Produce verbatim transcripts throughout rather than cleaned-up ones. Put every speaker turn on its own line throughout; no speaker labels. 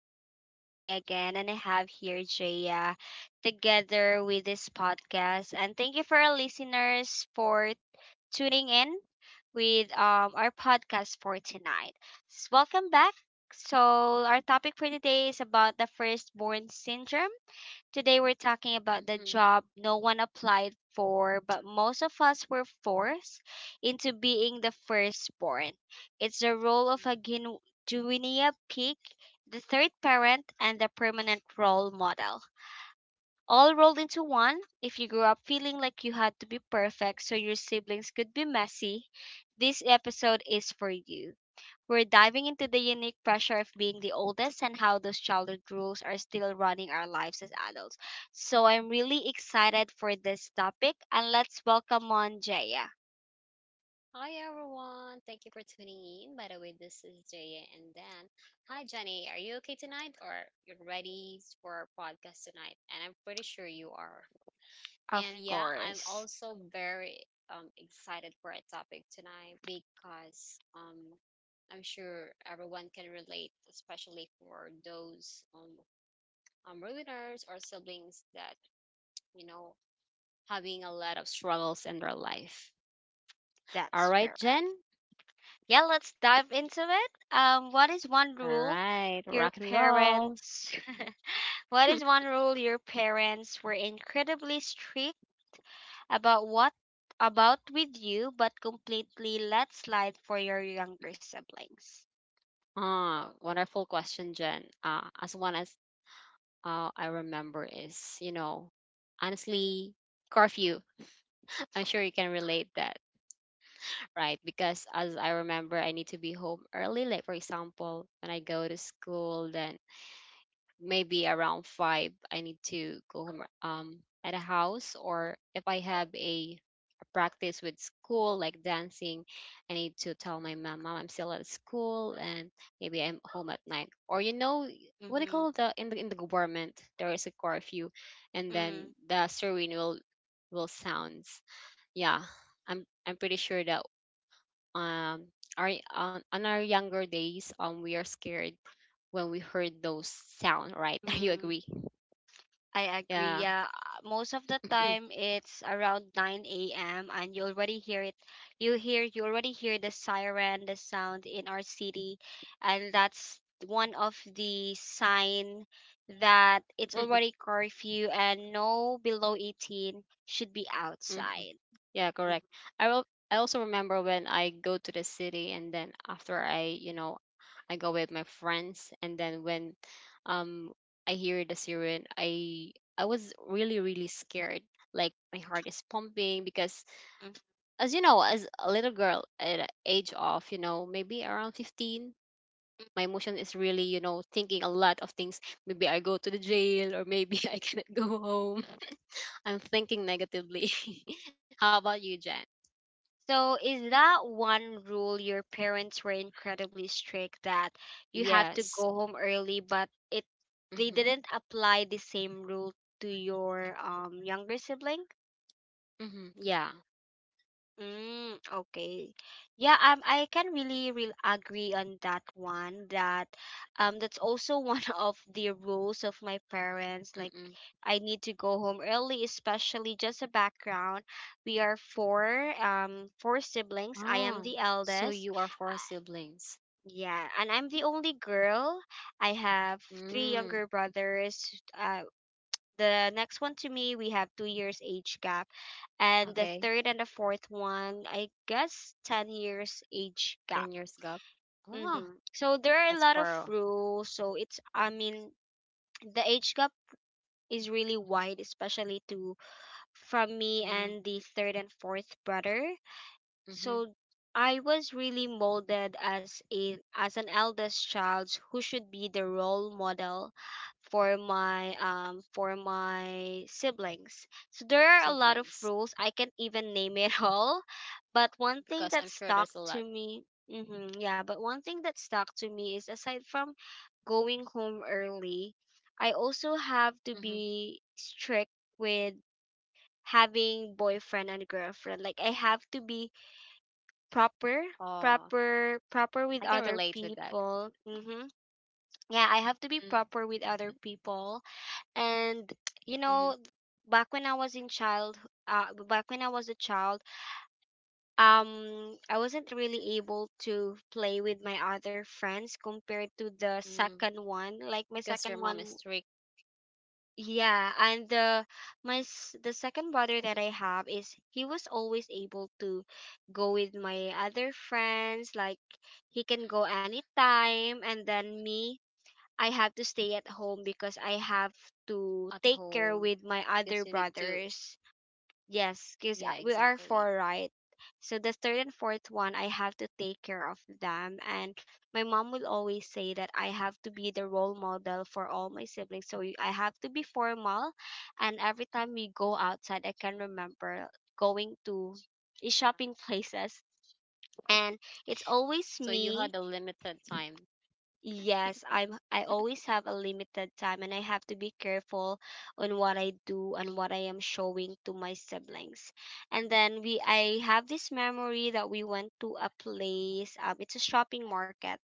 This is Jenny again, and I have here Jaya together with this podcast. And thank you for our listeners for tuning in with um, our podcast for tonight. S- Welcome back. So, our topic for today is about the firstborn syndrome. Today we're talking about the
Hmm.
job no one applied for, but most of us were forced into being the firstborn. It's the role of a guin- guinea pig, the third parent, and the permanent role model all rolled into one. If you grew up feeling like you had to be perfect so your siblings could be messy, this episode is for you. We're diving into the unique pressure of being the oldest and how those childhood rules are still running our lives as adults. So I'm really excited for this topic, and let's welcome on Jaya.
Hi everyone, thank you for tuning in. By the way, this is Jaya and Dan. Hi Jenny, are you okay tonight or you're ready for our podcast tonight? And I'm pretty sure you are.
Of
And yeah, I'm
course,
also very um excited for our topic tonight because um I'm sure everyone can relate, especially for those um um ruiners or siblings that, you know, having a lot of struggles in their life. All
that's
right,
correct.
Jen?
Yeah, let's dive into it. Um, what is one
All
rule
right,
your
rock and roll.
parents what is one rule your parents were incredibly strict about what about with you but completely let slide for your younger siblings?
Ah, wonderful question, Jen. Uh, as one as uh, I remember is, you know, honestly, curfew. I'm sure you can relate that, right? Because as I remember, I need to be home early. Like for example, when I go to school, then maybe around five, I need to go home um at a house, or if I have a practice with school, like dancing. I need to tell my mom, Mom, I'm still at school and maybe I'm home at night. Or you know, what do you
Mm-hmm.
call the in the in the government, there is a curfew and then the siren will will sounds. Yeah. I'm I'm pretty sure that um our on, on our younger days um we are scared when we heard those sound, right? You agree?
Mm-hmm. I agree.
Yeah.
Yeah. Uh, most of the time it's around nine a m and you already hear it. You hear you already hear the siren, the sound in our city, and that's one of the sign that it's already curfew and no below eighteen should be outside.
Yeah,
Mhm.
correct. I will. I also remember when I go to the city, and then after I, you know, I go with my friends, and then when, um, I hear the siren, I I was really really scared. Like my heart is pumping because, as you know, as a little girl at a age of you know maybe around fifteen, my emotion is really you know thinking a lot of things. Maybe I go to the jail, or maybe I cannot go home. I'm thinking negatively. How about you, Jen?
So, is that one rule your parents were incredibly strict that you have to
Yes.
go home early, but it they
Mm-hmm.
didn't apply the same rule to your um younger sibling?
Mm-hmm. Yeah.
Mm, okay. Yeah, um I can really really agree on that one that um that's also one of the rules of my parents. Like
Mm-mm.
I need to go home early, especially just a background. We are four um four siblings. I am
Oh,
the
so
eldest.
you are four
Uh,
siblings.
yeah, and I'm the only girl. I have three
Mm.
younger brothers. Uh, the next one to me, we have two years age gap. And the
Okay.
third and the fourth one, I guess ten years age
Ten
gap.
years gap. Oh,
Hmm. So there are a
that's
lot of
four.
rules. So it's, I mean, the age gap is really wide, especially to from me
Mm.
and the third and fourth brother.
Mm-hmm.
So I was really molded as a as an eldest child who should be the role model for my um for my siblings. So there are a lot of
Siblings.
rules. I can't even name it all, but one
Because
thing
I'm
that
sure there's a
stuck
lot.
to me. Hmm. Yeah, but one thing that stuck to me is, aside from going home early, I also have to
Mm-hmm.
be strict with having boyfriend and girlfriend. Like I have to be proper
Oh,
proper proper
I can
with other
relate with that.
people. Hmm, yeah, I have to be
Mm-hmm.
proper with other people. And you
Mm-hmm.
know, back when i was in child uh, back when I was a child, um I wasn't really able to play with my other friends compared to the
Mm.
second one, like my
Because your
second
mom is
one.
strict
Yeah, and the my s- the second brother that I have is, he was always able to go with my other friends. Like he can go anytime, and then me, I have to stay at home because I have to
at
take care
home.
with my other
Because you need to.
brothers. Yes, because
Yeah,
we are
exactly.
four, right? So the third and fourth one, I have to take care of them. And my mom will always say that I have to be the role model for all my siblings. So you- I have to be formal. And every time we go outside, I can remember going to shopping places. And it's always
So you
me.
had a limited time.
Yes, I'm I always have a limited time and I have to be careful on what I do and what I am showing to my siblings.
Mm.
And then we I have this memory that we went to a place, um it's a shopping market,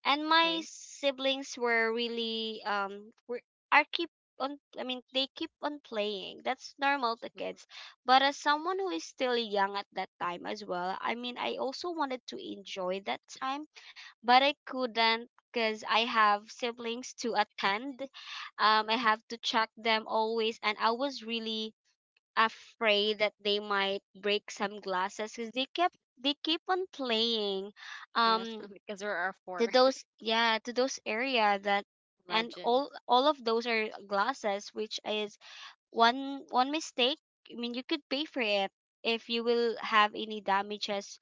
and my
Okay.
siblings were really um were are keep on I mean they keep on playing. That's normal to kids.
Mm.
But as someone who is still young at that time as well, I mean, I also wanted to enjoy that time, but I couldn't because I have siblings to attend. Um I have to check them always, and I was really afraid that they might break some glasses because they kept they keep on playing, um
Yeah, because there are
to
four.
those yeah to those area, that, and all
Imagine.
all of those are glasses, which is, one one mistake, I mean, you could pay for it if you will have any damages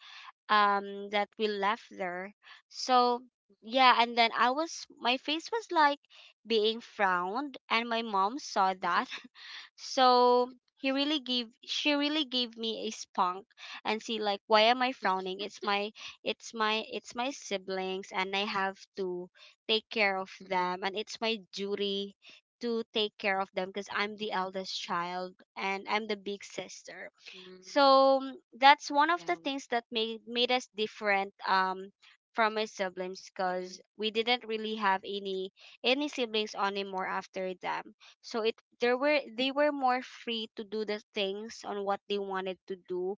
um that we left there. So yeah, and then I was my face was like being frowned, and my mom saw that so he really gave she really gave me a spunk, and see, like, why am I frowning? It's my, it's my it's my siblings, and I have to take care of
Mm-mm.
them, and it's my duty to take care of them because I'm the eldest child and I'm the big sister.
Mm,
So mm, that's one
yeah.
of the things that made made us different, um from my siblings, because
Mm-mm.
we didn't really have any any siblings anymore after them. So it there were they were more free to do the things on what they wanted to do.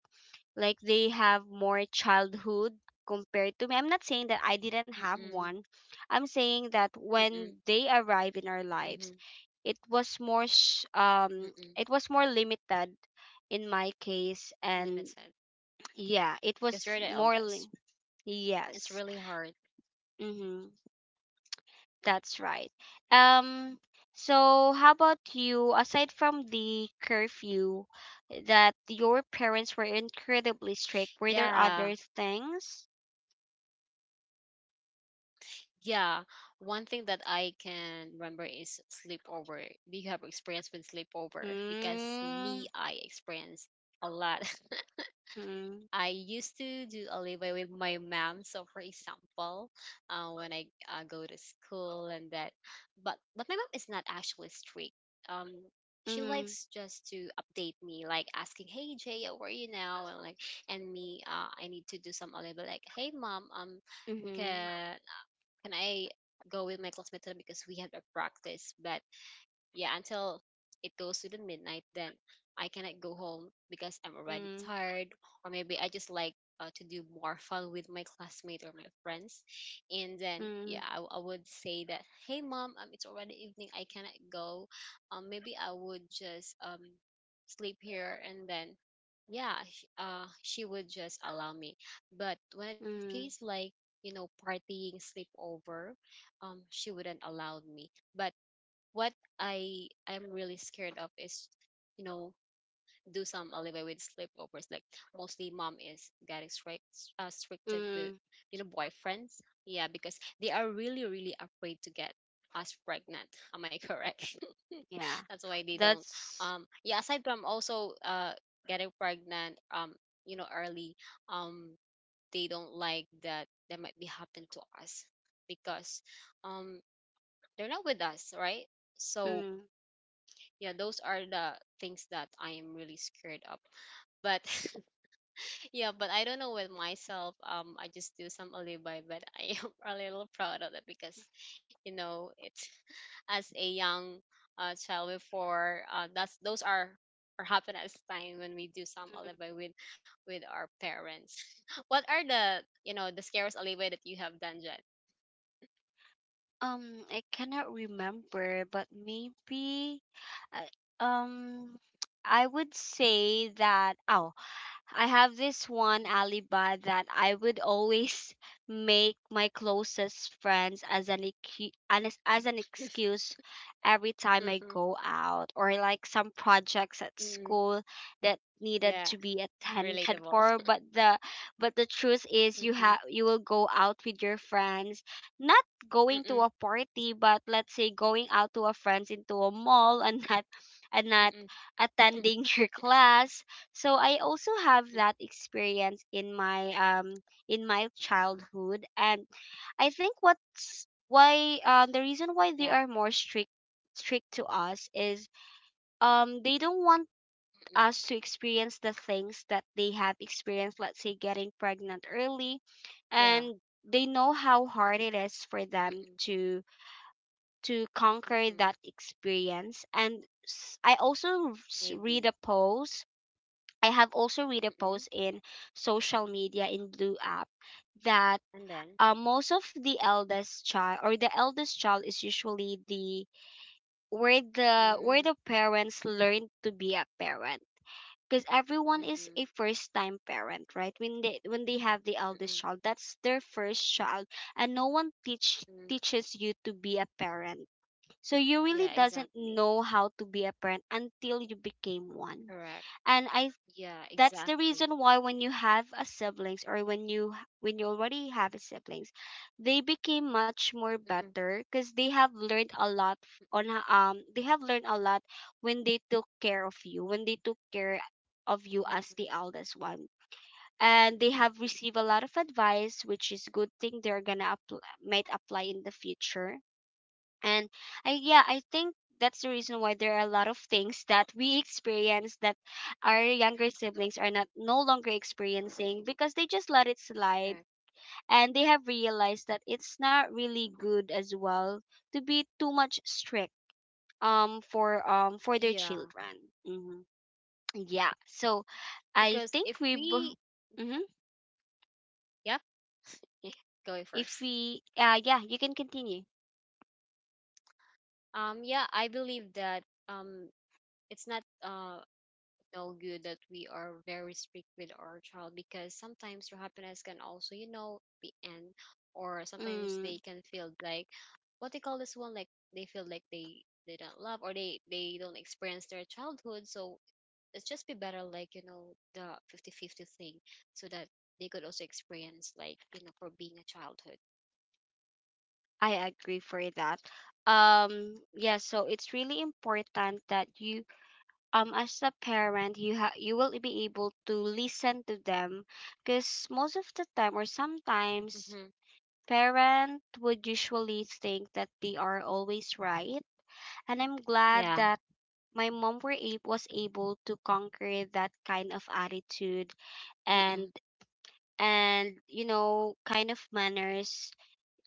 Like they have more childhood compared to me. I'm not saying that I didn't have
Mm-mm.
one. I'm saying that
Mm-mm.
when they arrive in our
Mm-hmm.
lives, it was more sh- um
Mm-mm.
it was more limited in my case, and
Limited.
yeah, it
Because you're
was
the
more
eldest.
li-
It's
yes.
really hard.
Mm-hmm, that's right. um so how about you? Aside from the curfew that your parents were incredibly strict, were there
Yeah.
other things?
Yeah. One thing that I can remember is sleepover. Do you have experience with sleepover? Because
Mm-hmm,
me, I experienced a lot.
mm-hmm,
I used to do a leeway with my mom. So, for example, uh, when I uh, go to school and that, but but my mom is not actually strict. Um, she likes just to update me, like asking, "Hey Jay, how are you now?" and like, and me, uh, I need to do some a little bit like, "Hey mom, um,
mm-hmm,
can can I go with my classmate today because we have a practice?" But yeah until it goes to the midnight then I cannot go home because I'm already
mm-hmm,
tired, or maybe I just like uh, to do more fun with my classmate or my friends, and then
mm-hmm,
yeah i, I would say that hey mom um, it's already evening I cannot go, um, maybe I would just um, sleep here and then yeah sh- uh, she would just allow me, but when it case like you know partying sleepover um, she wouldn't allow me but what I i am really scared of is, you know, do some alleyway with sleepovers. Like mostly mom is getting strict, uh, stricted with,
mm-hmm,
you know, boyfriends. Yeah, because they are really, really afraid to get us pregnant. Am I correct?
yeah,
That's why they don't.
that's
Um, yeah. Aside from also uh getting pregnant, um, you know, early, um, they don't like that that might be happen to us because um they're not with us, right? So
mm.
yeah those are the things that I am really scared of but yeah but I don't know with myself, um I just do some alibi but I am a little proud of it because you know it's as a young uh, child before uh, that's those are or happen at this time when we do some
Mm.
alibi with with our parents. What are the you know the scariest alibi that you have done, Jet?
Um, I cannot remember, but maybe, I- um, I would say that. Oh, I have this one
Mhm.
alibi that I would always make my closest friends as an ecu- an ex- as an excuse every time I
Mm-hmm.
go out, or like some projects at
Mm-mm.
school that needed
Yeah,
to be attended
relatable.
for. But the but the truth is, you have
Mm-hmm.
you will go out with your friends, not going to a
Mm-mm.
party, but let's say going out to a friends into a mall, and not and not
Mm-mm.
attending your class. So I also have that
Mm-mm.
experience in my um in my childhood, and I think what's why um the reason why
Yeah.
they are more strict strict to us is, um they don't want
Mm-hmm.
us to experience the things that they have experienced, let's say getting pregnant early,
Yeah.
and they know how hard it is for them
Mm-mm.
to to conquer that
Mm-mm.
experience. And s- i also s- read a
Maybe.
post I have also read a post
Mm-mm.
in social media in blue app that
And then?
uh, most of the eldest child, or the eldest child, is usually the, where the, where the
Mm,
parents learn to be a parent, because everyone is a
mm-mm.
first time parent, right? When they, when they have the eldest
Mm-mm.
child, that's their first child. And no one teach
Mm.
teaches you to be a parent, so you really
Yeah,
doesn't
exactly.
know how to be a parent until you became one.
Correct.
And I,
Yeah,
that's the
exactly.
reason why when you have a siblings, or when you h- when you already have a siblings, they became much more
Mm-mm.
better because they have learned a lot f-
Mm-mm.
on ho- um they have learned a lot when they took care of you, when they took care of you as
Mm-mm.
the eldest one. And they
Mm-mm.
have received a lot of advice, which is good thing they're gonna apply, might apply in the future. And I, yeah, I think that's the reason why there are a lot of things that we experience that our younger siblings are not no longer experiencing, because they just let it
Correct.
slide. And they have realized that it's not really good as well to be too much strict um for um for their
Yeah.
children. Hmm. Yeah. So
Because
I
if
think we
we,
b- mhm,
yep, going first.
if we uh yeah, you can continue.
Um, yeah, I believe that um, it's not uh no good that we are very strict with our child because sometimes their happiness can also, you know, be end, or sometimes they
Mm.
can feel like what they call this one, like they feel like they they don't love or they they don't experience their childhood, so it's just be better like you know the fifty fifty thing, so that they could also experience like you know for being a childhood.
I agree for that. Um yeah, so it's really important that you um as a parent you ha- you will be able to listen to them because most of the time or sometimes
Mm-hmm.
parent would usually think that they are always right, and I'm glad
Yeah.
that my mom were a- was able to conquer that kind of attitude
Mm-mm.
and and you know kind of manners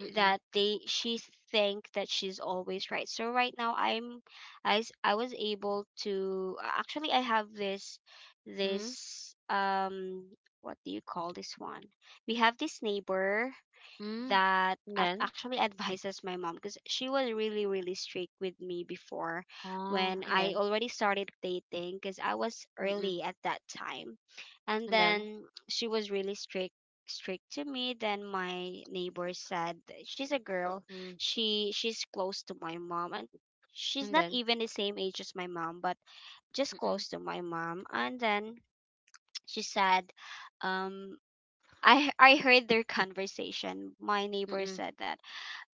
Mm-mm.
that they she think that she's always right. So right now i'm i, s- I was able to uh, actually, I have this
Mm-hmm.
this um What do you call this one? We have this neighbor
Mm.
that
And
ac-
then.
actually advises my mom because she was really really strict with me before
Oh,
when
and
I
then.
already started dating because I was
Mm-mm.
early at that time. And
And then.
then she was really strict strict to me. Then my neighbor said that she's a girl,
Mm.
she she's close to my mom, and she's
And
not
then.
even the same age as my mom but just
Mm-mm.
close to my mom. And then she said, um I I heard their conversation. My neighbor
Mm-mm.
said that,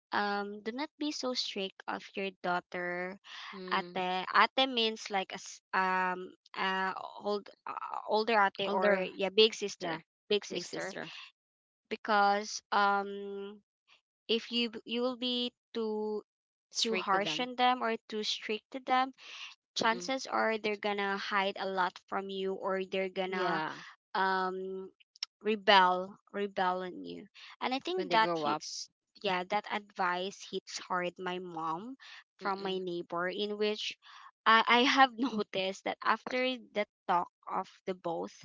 um "Do not be so strict of your daughter,
Mm.
ate." Ate means like, as um uh old, uh, older ate, or
Older.
yeah, big
Yeah.
sister, big
Big
sister.
sister.
Because um if you b- you will be too too
Strict with
harsh
them.
on them or too strict to them,
Mm-mm.
chances are they're gonna hide a lot from you, or they're gonna,
Yeah.
um rebel rebel on you. And I
When
think
they
that
grow up.
hits, yeah, that advice hits hard my mom from my
Mm-mm.
neighbor, in which i i have noticed that after the talk of the both,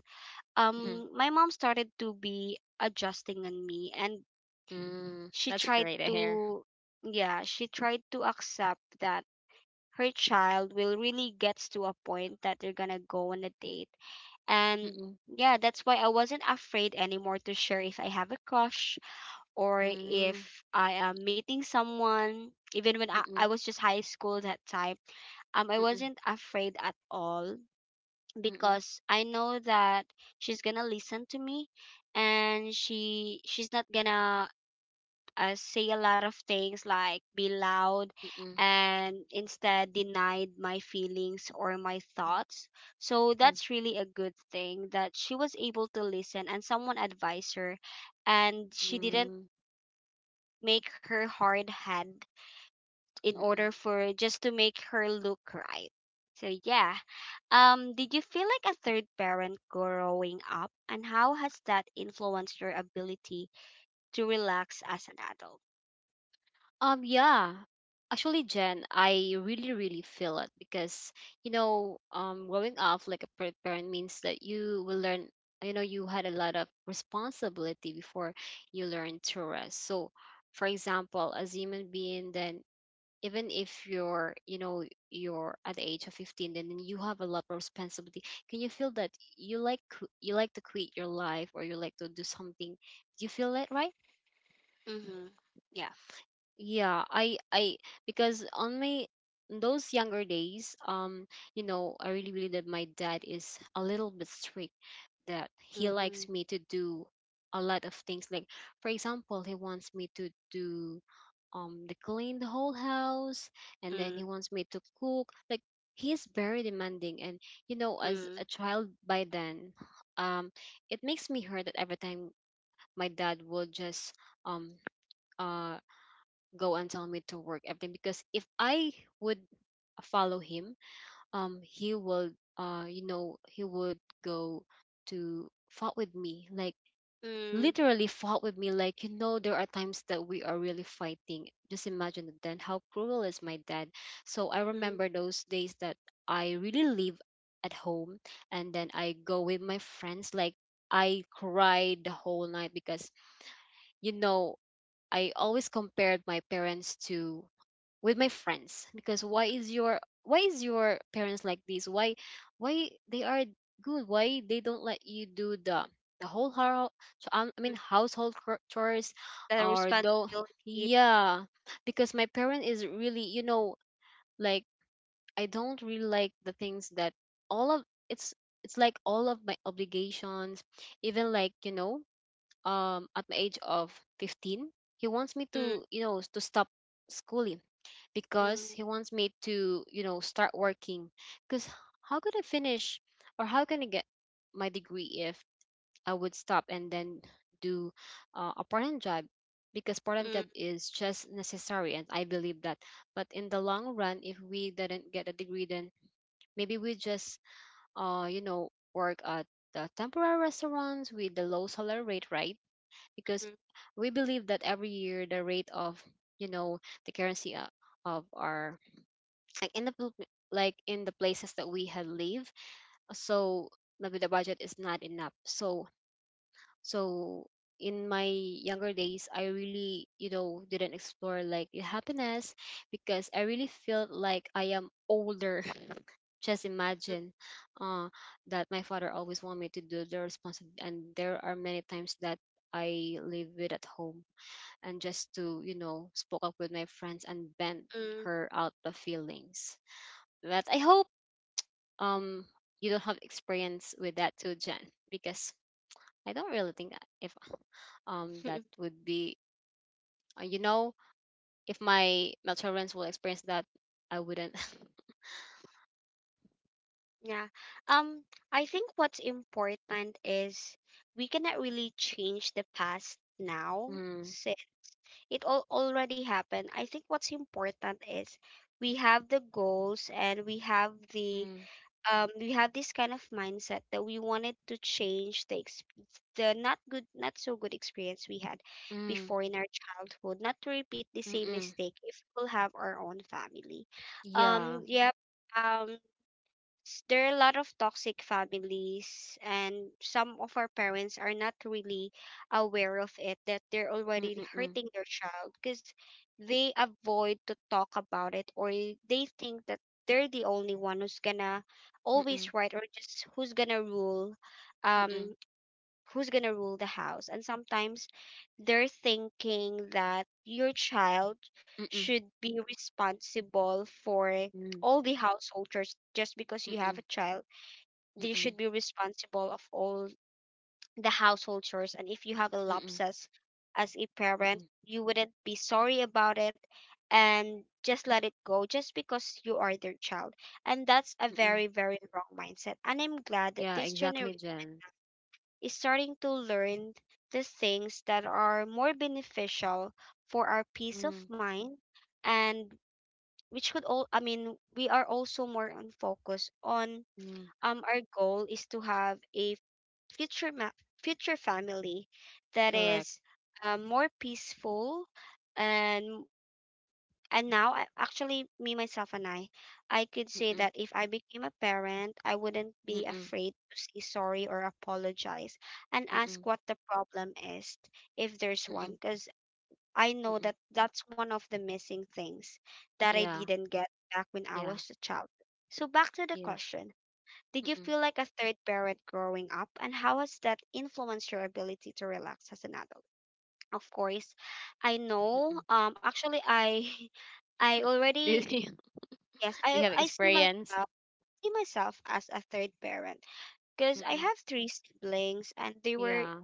Mm-mm.
um my mom started to be adjusting on me. And
Mm.
she
That's
tried
great to hear.
to yeah, she tried to accept that her child will really gets to a point that they're gonna go on a date. And
Mm-mm.
yeah, that's why I wasn't afraid anymore to share if I have a crush or
Mm.
if I am meeting someone. Even when I, I
Mm-mm.
was just high school that time, um, I
Mm-mm.
wasn't afraid at all
Mm-mm.
because I know that she's gonna listen to me, and she she's not gonna, uh, say a lot of things like be loud
Mm-mm.
and instead denied my feelings or my thoughts. So
Mm-mm.
that's really a good thing that she was able to listen and someone advised her, and she didn't make her hard hand in order
Mm-mm.
for just to make her look right. So yeah. Um, did you feel like a third parent growing up and how has that influenced your ability to relax as an adult?
Um, yeah. Actually, Jen, I really, really feel it because, you know, um, growing up like a pet parent means that you will learn, you know, you had a lot of responsibility before you learn to rest. So, for example, as a human being, then even if you're, you know, you're at the age of fifteen, then you have a lot of responsibility. Can you feel that you like, qu- you like to quit your life or you like to do something? Do you feel that, right?
Mhm.
Yeah, I I because on my those younger days, um, you know, I really believe that my dad is a little bit strict that he
Mm,
likes me to do a lot of things. Like for example, he wants me to do um to clean the whole house and then he
mm,
wants me to cook. Like he is very demanding and you know, as
mm,
a child by then, um, it makes me hurt that every time my dad will just um uh go and tell me to work everything because if I would follow him, um, he will, uh, you know, he would go to fought with me, like
mm,
literally fought with me. Like you know, there are times that we are really fighting. Just imagine it then how cruel is my dad. So I
mm,
remember those days that I really live at home, and then I go with my friends. Like I cried the whole night because you know I always compared my parents to with my friends because why is your why is your parents like this? Why why they are good? Why they don't let you do the the whole hou- so, um, I
mm,
mean household cr- chores
the
or though
responsibility.
yeah because my parent is really you know like I don't really like the things that all of it's it's like all of my obligations even like you know um at my age of fifteen he wants me
Mm,
to you know to stop schooling because
mm,
he wants me to you know start working because how could I finish or how can I get my degree if I would stop and then do uh, a part-time job because part-time
mm,
job is just necessary and I believe that but in the long run if we didn't get a degree then maybe we just uh you know work at the temporary restaurants with the low salary rate right because
mm,
we believe that every year the rate of you know the currency o- of our like in the Philippi- like in the places that we have lived, so maybe the budget is not enough, so so in my younger days I really you know didn't explore like the happiness because I really felt like I am older. Just
mm,
imagine uh that my father always want me to do the responsibility and there are many times that I live with at home and just to you know spoke up with my friends and vent
mm.
her out the feelings. But I hope um you don't have experience with that too, Jen, because I don't really think that if um that would be uh, you know if my my children will experience that I wouldn't.
Yeah. Um, I think what's important is we cannot really change the past now
Mm,
since it all already happened. I think what's important is we have the goals and we have the,
mm,
um, we have this kind of mindset that we wanted to change the exp- the not good, not so good experience we had
mm,
before in our childhood, not to repeat the same
mm-mm,
mistake if we'll have our own family.
yeah,
Um, yeah. Um, s- there are a lot of toxic families, and some of our parents are not really aware of it that they're
mm,
already
mm, mm,
hurting their child because they avoid to talk about it, or they think that they're the only one who's gonna
mm,
always right or just who's gonna rule,
mm, mm,
um who's going to rule the house. And sometimes they're thinking that your child
mm, mm,
should be responsible for
mm, mm,
all the household chores just because
mm,
you have
mm,
a child. They
mm,
should be responsible of all the household chores. And if you have a
mm,
lapses as a parent,
mm,
you wouldn't be sorry about it and just let it go just because you are their child. And that's a
mm, mm.
very, very wrong mindset. And I'm glad that
Yeah,
this
exactly,
generation
Jen.
is starting to learn the things that are more beneficial for our peace of
Mm,
mind, and which could all, I mean, we are also more on focus on,
mm.
um our goal is to have a future ma- future family that
Correct.
is, uh, more peaceful. and and now, I- actually, me, myself, and I, I could say
Mm-mm,
that if I became a parent, I wouldn't be
mm-mm,
afraid to say sorry or apologize and
mm-mm,
ask what the problem is, if there's one,
mm-mm,
because I know
mm-mm.
that that's one of the missing things that I
Yeah,
didn't get back when I
yeah,
was a child. So, back to the
yeah.
question, did you
Mm-mm,
feel like a third parent growing up, and how has that influenced your ability to relax as an adult? Of course, I know.
mm-mm.
Um, actually, I, I
Do
already
you, do
yes,
you
I
have
I see
experience?
myself see myself as a third parent because I
Mm-mm.
have three siblings and they were
Yeah.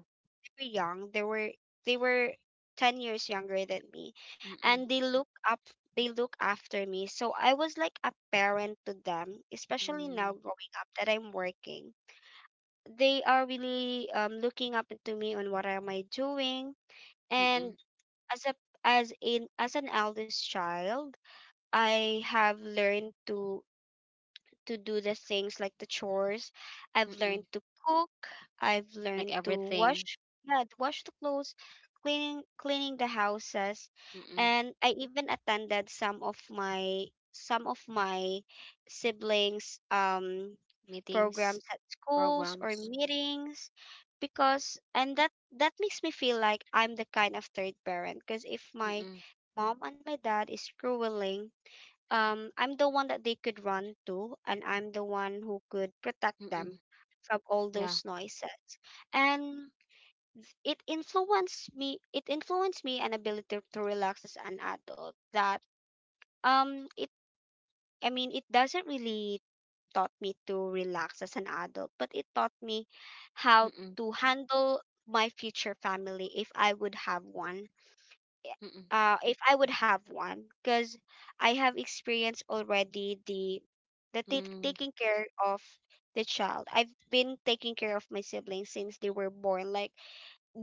very young. They were they were ten years younger than me,
Mm-mm,
and they look up they look after me. So I was like a parent to them, especially now
mm,
growing up that I'm working. They are really, um looking up to me on what am I doing.
mm-mm,
And as a, as in as an eldest child, I have learned to to do the things like the chores. I've
mm-mm.
learned to cook. I've
Like
learned to
everything.
wash, yeah, to wash the clothes, cleaning cleaning the houses,
Mm-mm.
and I even attended some of my some of my siblings', um
Meetings,
programs at schools or
programs.
meetings because, and that that makes me feel like I'm the kind of third parent, because if my
Mm-mm,
mom and my dad is grueling, um I'm the one that they could run to, and I'm the one who could protect them
mm-mm.
from all
Yeah.
those noises. And it influenced me, it influenced me an ability to relax as an adult, that, um it I mean, it doesn't really taught me to relax as an adult, but it taught me how
Mm-mm,
to handle my future family if I would have one.
mm-mm,
Uh, if I would have one, because I have experienced already the the take
mm,
taking care of the child. I've been taking care of my siblings since they were born, like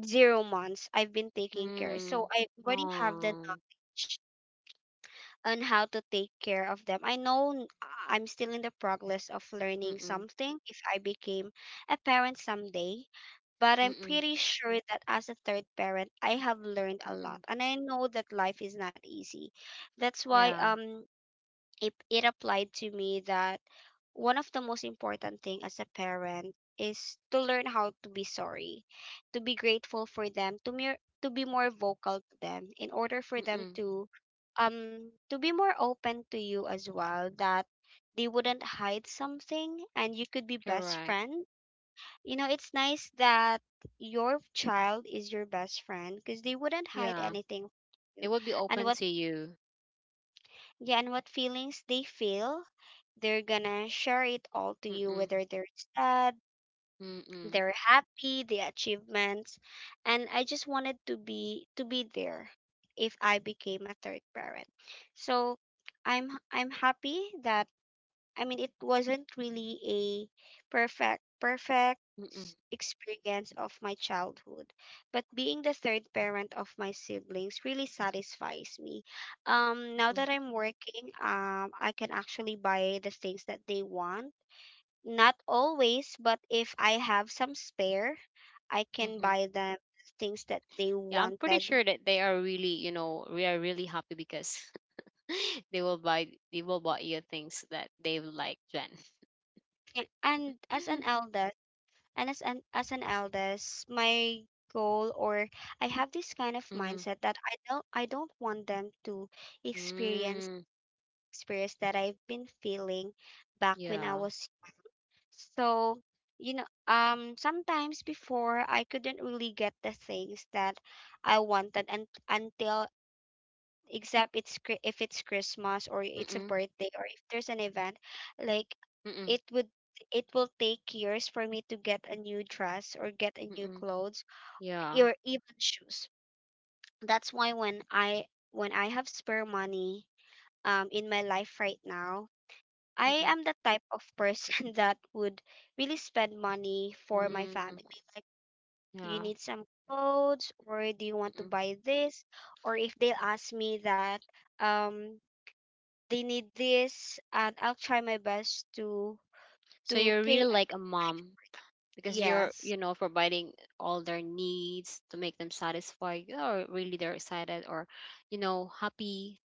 zero months. I've been taking care, so
mm.
I already have the
Oh.
on how to take care of them. I know n- I'm still in the progress of learning
Mm-mm,
something if I became a parent someday, but I'm
mm-mm,
pretty sure that as a third parent, I have learned a lot.
mm-mm.
And I know that life is not easy. That's why,
Yeah.
um it, it applied to me that one of the most important thing as a parent is to learn how to be sorry, to be grateful for them, to mere to be more vocal to them in order for them
Mm-mm.
to, um to be more open to you as well, that they wouldn't hide something and you could be best
Correct.
friend. You know, it's nice that your child is your best friend because they wouldn't hide
Yeah.
anything from you.
They will be
And
open
what
to you.
Yeah, and what feelings they feel, they're gonna share it all to you,
Mm-mm.
whether they're sad,
Mm-mm.
they're happy, the achievements. And I just wanted to be to be there if I became a third parent. So i'm I'm happy that, I mean, it wasn't really a perfect perfect
Mm-mm,
s- experience of my childhood, but being the third parent of my siblings really satisfies me. Um, now
mm-mm,
that I'm working, um, I can actually buy the things that they want. Not always, but if I have some spare, I can
mm-hmm.
buy them things that they
Yeah, I'm pretty
wanted.
sure that they are really, you know, we are really happy because they will buy they will buy you things that they would like, Jen.
And as an elder, and as an, as an eldest, my goal, or I have this kind of
Mm,
mindset that I don't I don't want them to experience
mm,
experience that I've been feeling back when I
yeah.
was. So, you know, um sometimes before I couldn't really get the things that I wanted, and until, except it's Chri- if it's Christmas or it's a
Mm-mm,
birthday or if there's an event, like,
mm-mm,
it would, it will take years for me to get a new dress or get a new
mm-mm,
clothes
yeah.
or even shoes. That's why when I when I have spare money, um in my life right now, I
Mm-mm,
am the type of person that would really spend money for my
mm,
family. Like, do you
yeah.
need some clothes or do you want to
Mm-mm.
buy this? Or if they ask me that, um they need this, and I'll try my best to
So
to
you're really
pay.
like a mom because you're,
Yes.
you know, providing all their needs to make them satisfied. Or really they're excited or, you know, happy.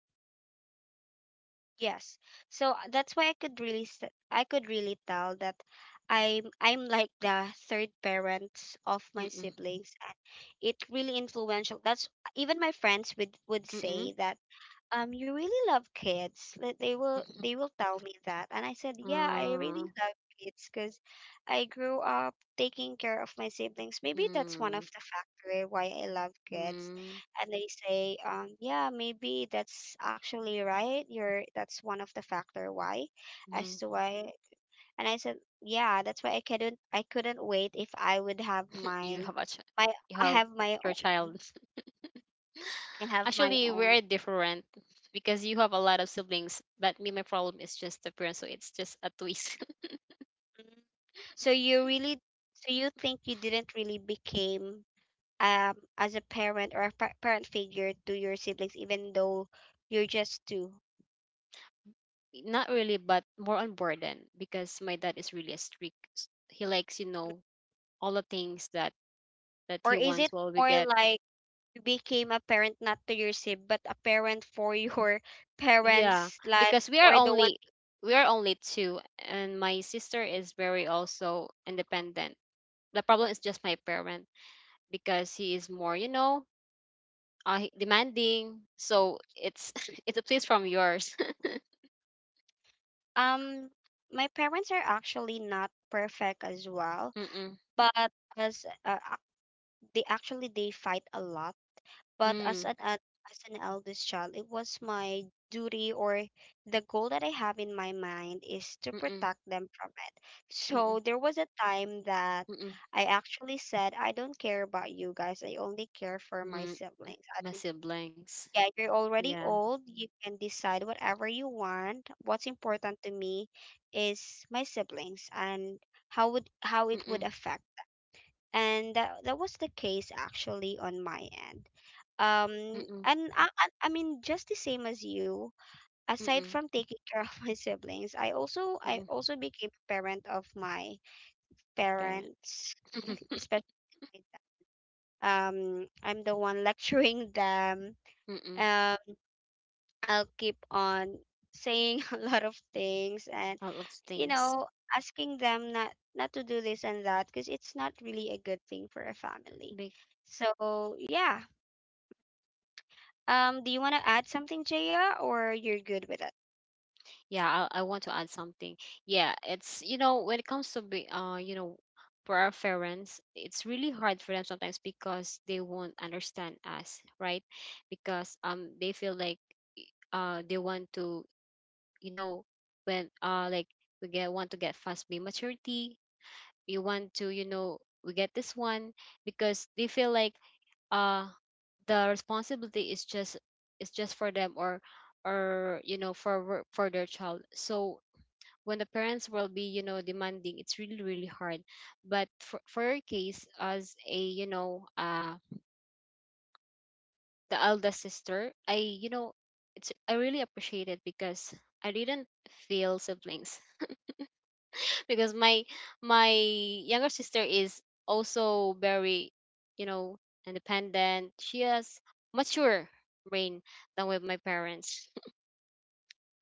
Yes. So, uh, that's why I could really s- I could really tell that I'm I'm like the third parent of my
Mm-mm,
siblings, and it really influential. That's, even my friends would, would
mm-mm.
say that, um "You really love kids." Like, they will they will tell me that, and I said, "Yeah, I really
Mm-mm.
love kids because I grew up taking care of my siblings. Maybe that's one of
Mm,
the factor why I love kids."
mm,
And they say, um "Yeah, maybe that's actually right. you're That's one of the factor why," as
mm.
to why and I said, "Yeah, that's why I couldn't, i couldn't wait if I would have
You
mine,
have a ch
my,
you
I
have
have my own,
your child.
I have my
Actually,
own."
we're different because you have a lot of siblings, but me, my problem is just appearance, so it's just a twist.
So you really, so you think you didn't really became, um as a parent or a pa- parent figure to your siblings, even though you're just two,
Not really, but more on burden because my dad is really a strict. s- He likes, you know, all the things that that
or
he
is
wants
it
while we
more
get.
like you became a parent not to your sib, but a parent for your
Yeah,
parents, like,
because we are
or the one?
only we are only two, and my sister is very also independent. The problem is just my parent because he is more, you know, uh, he- demanding. So it's it's a please from yours.
Um, my parents are actually not perfect as well,
Mm-mm.
but as uh, ac- they actually, they fight a lot. But as
Mm.
an ad- as an eldest child, it was my duty, or the goal that I have in my mind is to
Mm-mm.
protect them from it.
Mm-mm.
So there was a time that
Mm-mm.
I actually said, "I don't care about you guys. I only care for my
Mm.
siblings. I
My
don't
siblings.
Yeah, you're already
Yeah.
old. You can decide whatever you want." What's important to me is my siblings and how would how it
Mm-mm.
would affect and that, that was the case actually on my end um
Mm-mm.
and I, I I mean just the same as you. Aside
Mm-mm.
from taking care of my siblings, I also I
Mm-mm.
also became a parent of my
Parent.
parents especially my dad. um I'm the one lecturing them.
Mm-mm.
um I'll keep on saying a lot of things and
All of
you
things.
know asking them not not to do this and that because it's not really a good thing for a family, so yeah. Um, do you want to add something, Jaya, or you're good with it?
Yeah, I, I want to add something. Yeah, it's, you know, when it comes to be uh you know for our parents, it's really hard for them sometimes because they won't understand us, right? Because um they feel like uh they want to, you know, when uh like we get want to get fast be maturity, we want to, you know, we get this one because they feel like uh the responsibility is just is just for them or or you know for wor- for their child. So when the parents will be, you know, demanding, it's really really hard, but for, for your case as a, you know, uh the eldest sister, I, you know, it's I really appreciate it because I didn't feel siblings because my my younger sister is also very, you know, independent. She has mature brain than with my parents.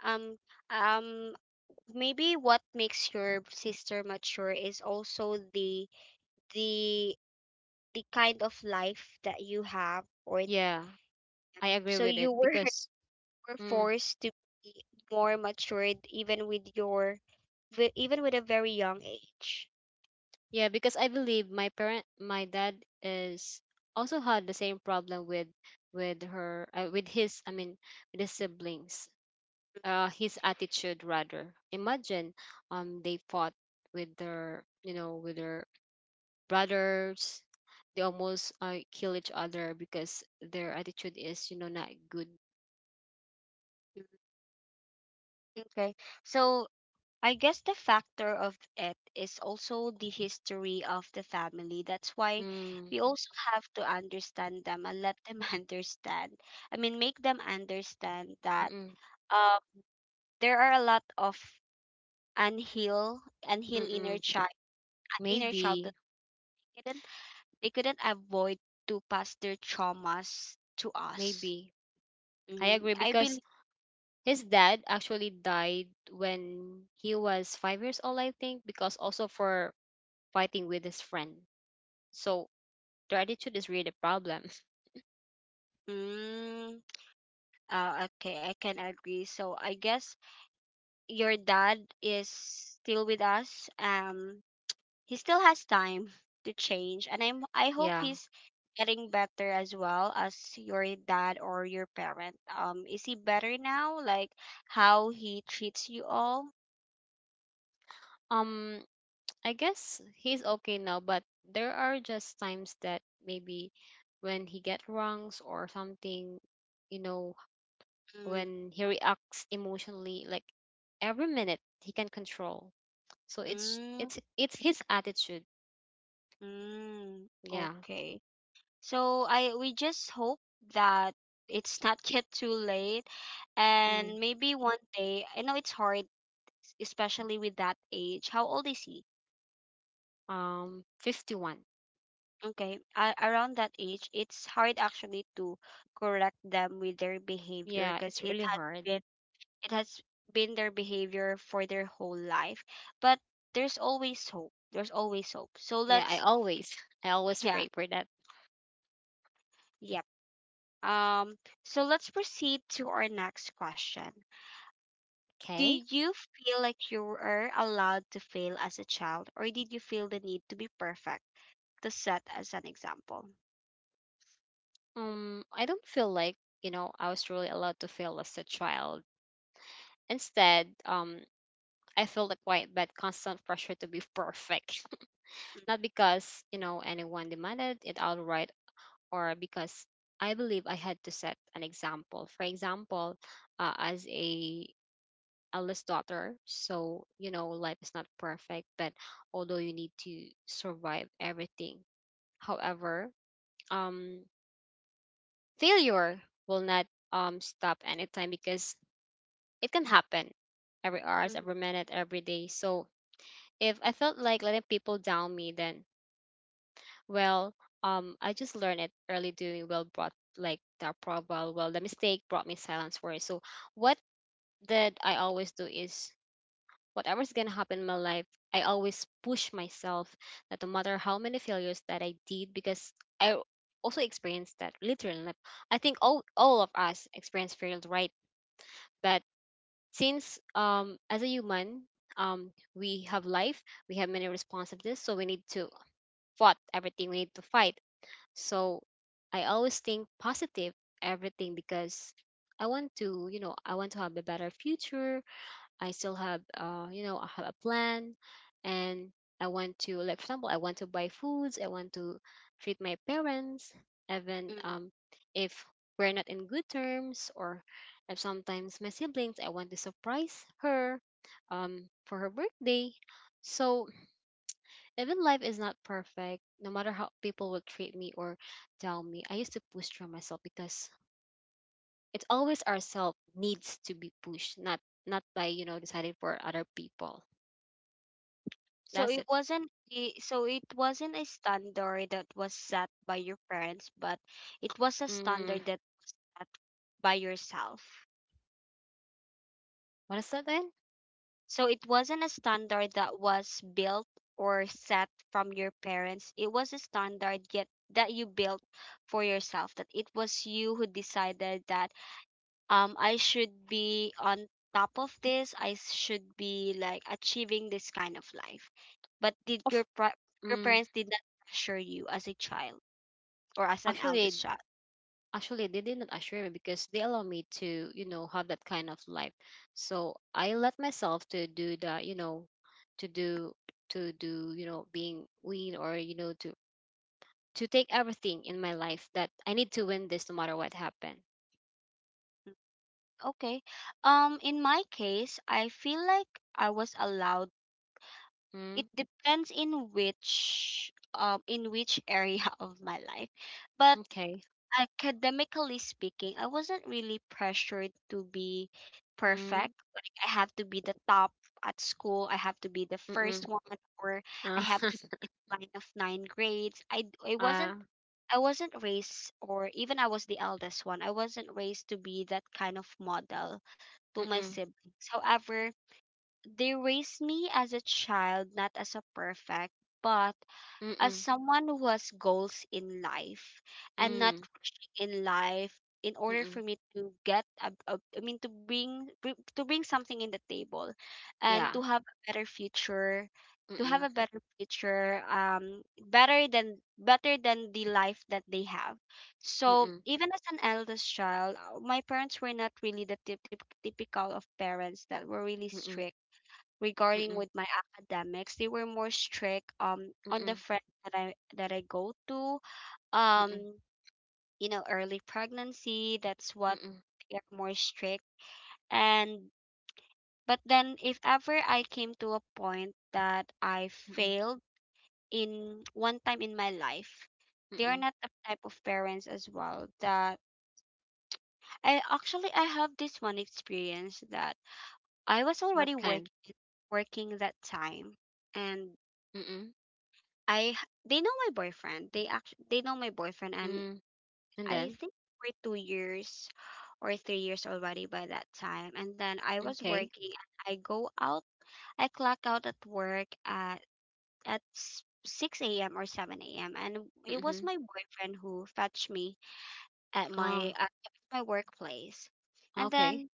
Um, um, Maybe what makes your sister mature is also the the the kind of life that you have, or
Yeah, I agree
so
with
you
it
were
because
were
mm.
forced to be more matured even with your wi- even with a very young age.
Yeah, because I believe my parent, my dad is also had the same problem with with her, uh, with his, I mean, with his siblings. Uh, his attitude rather. Imagine, um, they fought with their, you know, with their brothers. They almost uh, kill each other because their attitude is, you know, not good.
Mm. Okay. So I guess the factor of it is also the history of the family. That's why
Mm,
we also have to understand them and let them understand. I mean, make them understand
mm,
that
mm,
uh, there are a lot of and heal and heal inner
mm.
child inner childhood.
Maybe,
They couldn't they couldn't avoid to pass their traumas to us.
maybe. I
Mm,
agree
I believe.
because his dad actually died when he was five years old, I think, because also for fighting with his friend. So their attitude is really a problem.
Mm. Uh, okay, I can agree. So I guess your dad is still with us. Um, he still has time to change, and i'm i hope
Yeah.
he's getting better. As well as your dad or your parent, um, is he better now, like how he treats you all?
Um, I guess he's okay now, but there are just times that maybe when he get wrongs or something, you know,
Mm.
when he reacts emotionally, like every minute he can control. So it's
Mm.
it's it's his attitude.
Mm,
Yeah.
okay. So I, we just hope that it's not yet too late,
Mm.
and maybe one day. I know it's hard, s- especially with that age. How old is he?
Um, fifty-one.
Okay. A around that age, it's hard actually to correct them with their behavior
Yeah,
because
it's
it
really
has
hard.
been it has been their behavior for their whole life. But there's always hope. There's always hope. So
Yeah, I
let's
always, I always
yeah.
pray for that.
Yep. Um, so let's proceed to our next question. Do
Okay.
you feel like you were allowed to fail as a child, or did you feel the need to be perfect to set as an example?
Um, I don't feel like, you know, I was really allowed to fail as a child. Instead, um, I felt a quiet but constant pressure to be perfect. Not because, you know, anyone demanded it outright or because I believe I had to set an example. For example, uh, as a eldest daughter, so, you know, life is not perfect, but although you need to survive everything. However, um, failure will not um, stop anytime because it can happen every hours,
Mm.
every minute, every day. So if I felt like letting people down me, then, well, um, I just learned it early. Doing well brought like the approval. Well, well, the mistake brought me silence for it. So what did I always do is whatever's gonna happen in my life, I always push myself, that no matter how many failures that I did, because I also experienced that literally. Like, I think all all of us experience failed, right? That since um as a human, um we have life, we have many responsibilities, so we need to fight everything. We need to fight. So I always think positive everything because I want to, you know, I want to have a better future. I still have, uh, you know, I have a plan, and I want to, like, for example, I want to buy foods. I want to treat my parents, even
Mm.
um, if we're not in good terms, or if sometimes my siblings, I want to surprise her, um, for her birthday. So even life is not perfect, no matter how people will treat me or tell me, I used to push through myself because it's always ourself needs to be pushed, not not by, you know, decided for other people.
So
That's
it
it.
wasn't a- so it wasn't a standard that was set by your parents, but it was a
Mm,
standard that set by yourself.
what is that then?
So it wasn't a standard that was built or set from your parents. It was a standard yet that you built for yourself. That it was you who decided that um I should be on top of this. I should be like achieving this kind of life. But did your
Of
pra- your
mm,
parents did not pressure you as a child or as an
actually,
eldest child?
actually, they did not assure me because they allow me to, you know, have that kind of life. So I let myself to do that, you know, to do to do, you know, being win or you know to to take everything in my life that I need to win this no matter what happened.
Mm. Okay. Um, in my case, I feel like I was allowed. It
Mm,
depends in which um in which area of my life, but
okay.
academically speaking, I wasn't really pressured to be perfect,
Mm,
like I have to be the top at school, I have to be the first
mm-mm.
one, or I
Uh,
have to be in line of nine grades. i d- I
uh,
wasn't i wasn't raised, or even I was the eldest one, I wasn't raised to be that kind of model to my
mm-mm,
siblings. However, they raised me as a child, not as a perfect, but as
mm-mm,
someone who has goals in life and not
mm,
rushing in life in order for
mm-mm.
me to get a, a, I mean to bring bring- to bring something in the table and
Yeah.
to have a better future, to have a
Mm-mm,
better future, um, better than better than the life that they have. So
mm-mm,
even as an eldest child, uh, my parents were not really the typ- typ- typical of parents that were really
mm-mm,
strict regarding
mm-mm.
with my academics. They were more strict um on the
Mm-mm.
friend that i that I go to.
Mm-mm,
Um, you know early pregnancy, that's what
mm-mm,
they're more strict. And but then if ever I came to a point that I
mm-mm,
failed in one time in my life, they are
mm-mm.
not the type of parents as well that i actually I have this one experience that I was already
What kind?
working, working that time. And
Mm-mm,
I h- they know my boyfriend. They actually they know my boyfriend. And
mm. And
I
then?
think we're two years or three years already by that time. And then I was
Okay.
working. And I go out. I clock out at work at at s- six a m or seven a m. And it was
Mm-hmm.
my boyfriend who fetched me at my
Ah,
at my workplace. And
okay.
then,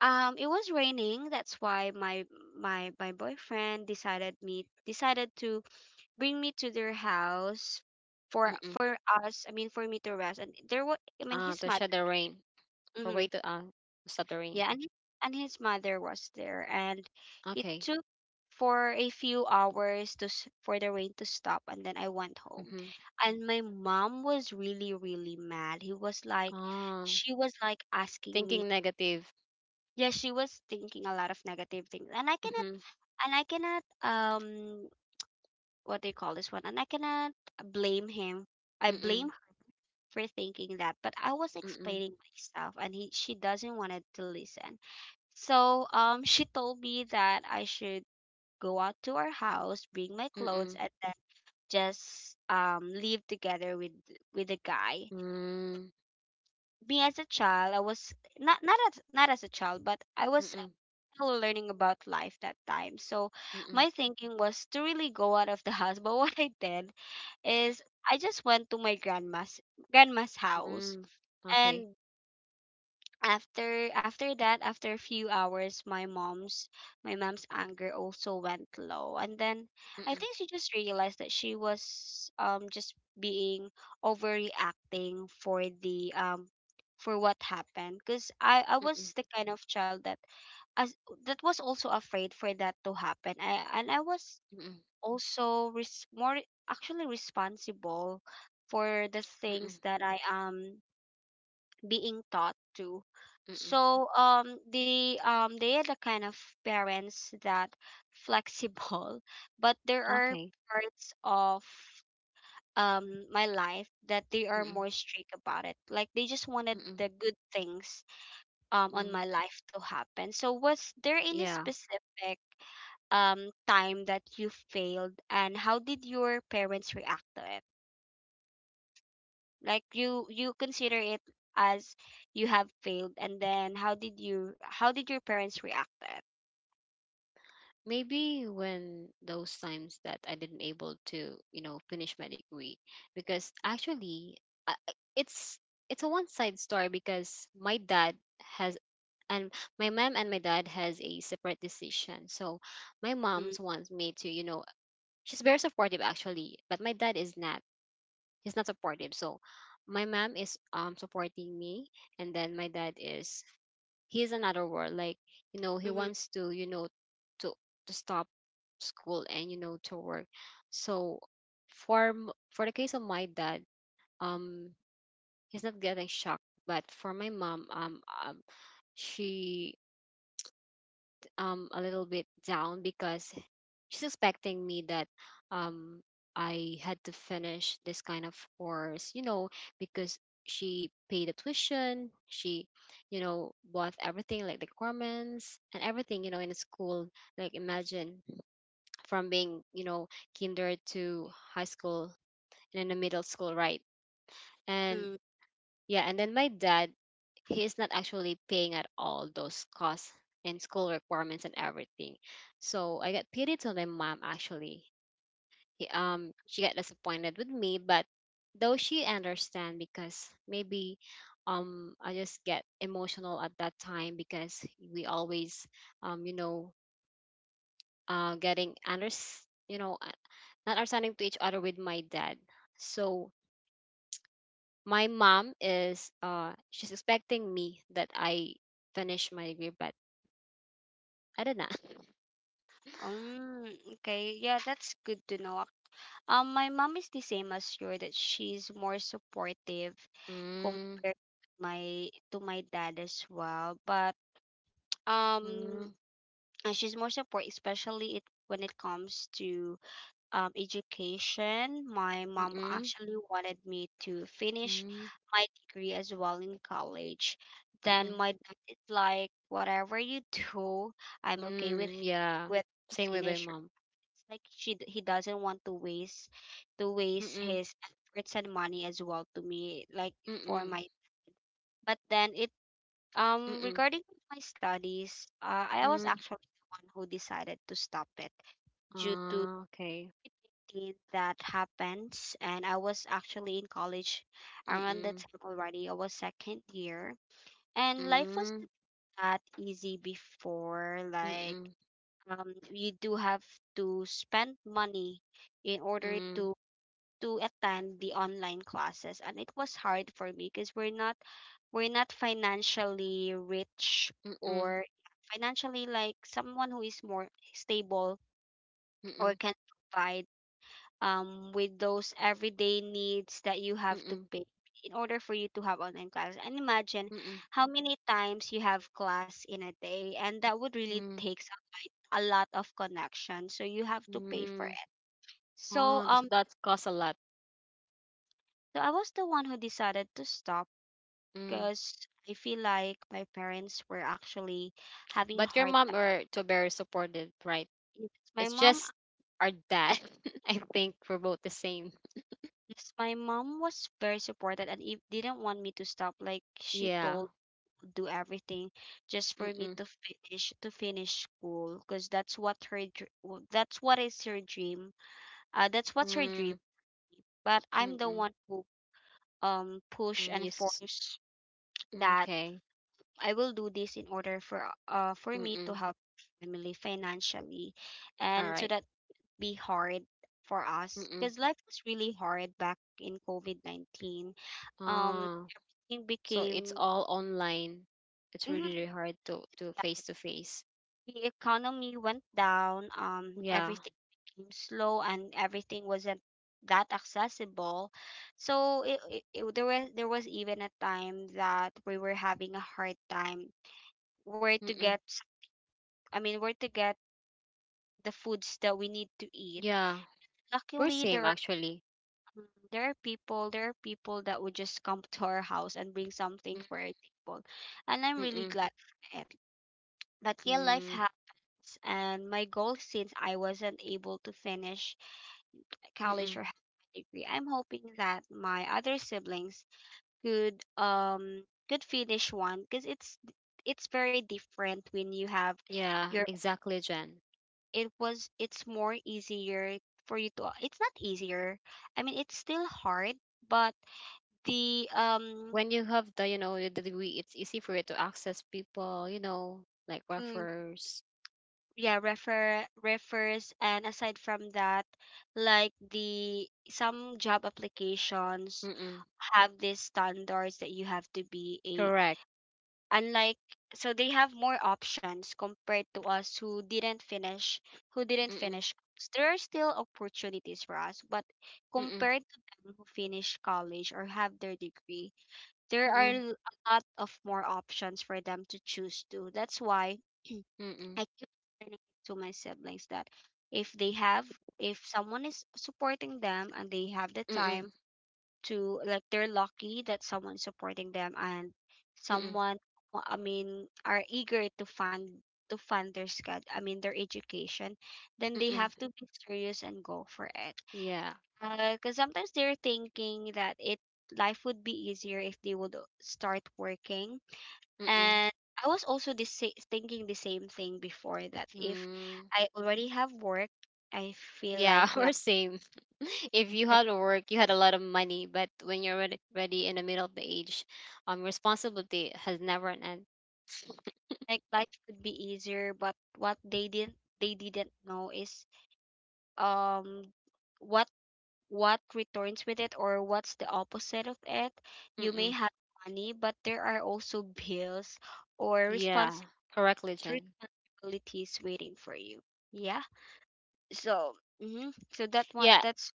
um, it was raining. That's why my my my boyfriend decided me decided to bring me to their house for
Mm-mm.
for us. I mean, for me to rest. And there was, I mean,
Ah,
his
to
mother.
shut the rain. For way
Hmm.
to uh, stop the rain.
Yeah, and and his mother was there, and it
Okay.
took for a few hours to s- for the rain to stop, and then I went home.
Mm-hmm.
And my mom was really really mad. He was like,
Ah,
she was like asking
thinking
me.
negative.
Yeah, she was thinking a lot of negative things, and I cannot
Mm-hmm.
and I cannot um, what do you call this one? And I cannot blame him. I
Mm-mm,
blame for thinking that, but I was
mm-mm,
explaining myself, and he she doesn't wanted to listen. So um she told me that I should go out to our house, bring my clothes,
mm-mm,
and then just um live together with with a guy.
mm,
Me as a child, I was not not as not as a child, but I was
mm-mm,
still learning about life that time. So
mm-mm,
my thinking was to really go out of the house. But what I did is I just went to my grandma's grandma's house.
mm. Okay.
And after after that after a few hours, my mom's my mom's anger also went low, and then I
Mm-mm,
think she just realized that she was um just being overreacting for the um for what happened, because i i
mm-mm,
was the kind of child that as that was also afraid for that to happen. I, and I was
mm-mm,
also res- more actually responsible for the
mm-mm,
things that I am being taught to.
mm-mm.
So um the um they are the kind of parents that flexible, but there are
Okay.
parts of um my life that they are
Mm-mm,
more strict about it. Like they just wanted
mm-mm,
the good things um on
mm.
my life to happen. So was there any
Yeah.
specific um time that you failed, and how did your parents react to it? Like you you consider it as you have failed, and then how did you how did your parents react to it?
Maybe when those times that I didn't able to, you know, finish my degree, because actually, I, I- it's it's a one side story because my dad has, and my mom and my dad has a separate decision. So my
Mm-hmm.
mom's wants me to, you know, she's very supportive actually, but my dad is not. He's not supportive. So my mom is um supporting me, and then my dad is he's another world, like, you know,
Mm,
he
mhm.
wants to, you know, to to stop school and, you know, to work. So for m- for the case of my dad, um he's not getting shocked, but for my mom, um, um she um a little bit down because she's expecting me that um I had to finish this kind of course, you know, because she paid the tuition, she, you know, bought everything like the garments and everything, you know, in school. Like imagine, from being, you know, kinder to high school and then the middle school, right? And
Mm.
yeah, and then my dad, he is not actually paying at all those costs and school requirements and everything. So I got pity to my mom actually. um she got disappointed with me, but though she understand because maybe um I just get emotional at that time because we always um you know uh getting under, you know, uh, not understanding to each other with my dad. So my mom is uh she's expecting me that I finish my degree, but I did not.
Um, okay, yeah, that's good to know. Um, my mom is the same as you, that she's more supportive
Mm,
compared to my to my dad as well. But um,
mm,
uh, she's more support, especially it when it comes to um education. My mom
mm-mm,
actually wanted me to finish
mm,
my degree as well in college. Then
mm-mm,
my dad is like, whatever you do, I'm okay with
mm,
it,
yeah
with you
same with my
finish.
mom.
It's like she d- he doesn't want to waste to waste
Mm-mm,
his efforts and money as well to me, like for
mm-mm.
my. But then it um
Mm,
regarding my studies, uh, I was
mm.
actually the one who decided to stop it due to
Ah, okay.
two thousand eighteen that happens, and I was actually in college
Mm,
around that
mm,
time already. I was second year, and life was
mm,
not that easy before, like
mm,
um, you do have to spend money in order
mm,
to to attend the online classes. And it was hard for me because we're not we're not financially rich
mm,
or financially like someone who is more stable or can provide um with those everyday needs that you have to
mm,
pay in order for you to have online classes. And imagine
mm,
how many times you have class in a day, and that would really
mm,
take a lot of connection, so you have to pay for
mm.
it. So
Oh, so
um,
that costs a lot.
so I was the one who decided to stop
Mm.
because I feel like my parents were actually having a
But your
hard
mom
time.
or to very supportive, right?
Yes. My
It's
mom,
just our dad. I think we're both the same.
yes, my mom was very supportive and if, didn't want me to stop. Like she
Yeah.
told do everything just for me
Mm-mm.
to finish to finish school, because that's what her dr- w- that's what is her dream, uh, that's what's her
Mm.
dream. But I'm the
Mm-mm.
one who um push
Mm.
and
Yes. Yes.
force
Mm,
that
okay.
I will do this in order for uh for me to
Mm-mm.
help family financially
All
and so
right.
that be hard for us,
Mm-mm.
because life was really hard back in COVID nineteen. Um,
Ah.
it
So it's
became
all online. It's really,
mhm,
really hard to to face
that
to face.
the economy went down, um,
Yeah.
everything became slow, and everything wasn't that accessible. So it, it, it there was there was even a time that we were having a hard time where to
Mm-mm.
get s- I mean, where to get the foods that we need to eat.
Yeah, we're
Luckily,
same
there are
actually.
mm, there are people there are people that would just come to our house and bring
Mm-
something for our table, and I'm really
Mm-mm.
glad for it. But yeah, life
Mm,
happens, and my goal, since I wasn't able to finish college
mm-mm.
or have a degree, I'm hoping that my other siblings could um could finish one, because it's it's very different when you have
Yeah
your
exactly, Jen,
it was it's more easier for you to it's not easier, i mean it's still hard, but the um
when you have the, you know, the degree, it's easy for you to access people, you know, like
mm,
refers.
yeah, refer refers, and aside from that, like, the some job applications
Mm-mm.
have these standards that you have to be a
Correct.
unlike, so they have more options compared to us who didn't finish, who didn't
Mm-mm.
finish college. There are still opportunities for us, but
Mm-mm.
compared to them who finish college or have their degree, there are
Mm-mm.
l- a lot of more options for them to choose to. That's why I
Mm-mm.
keep telling to my siblings that if they have, if someone is supporting them and they have the
Mm-mm.
time to, like, they're lucky that someone's supporting them, and
Mm-mm.
someone, well, I mean are eager to fund to fund their sched I mean their education, then they
Mm-mm.
have to be serious and go for it.
Yeah.
Because sometimes they're thinking that it life would be easier if they would start working,
Mm-mm.
and I was also the sa- thinking the same thing before that, if
Mm.
I already have work, I feel
Yeah,
like
we're
life.
same. If you had to work, you had a lot of money, but when you're ready, ready in the middle of the age, um, responsibility has never an end.
Like life could be easier, but what they didn't, they didn't know is um what what returns with it, or what's the opposite of it. You may
Mm-mm.
have money, but there are also bills or
Yeah,
responsi-
correctly, Jen.
responsibilities waiting for you, yeah. So, hmm, so that one,
Yeah,
that's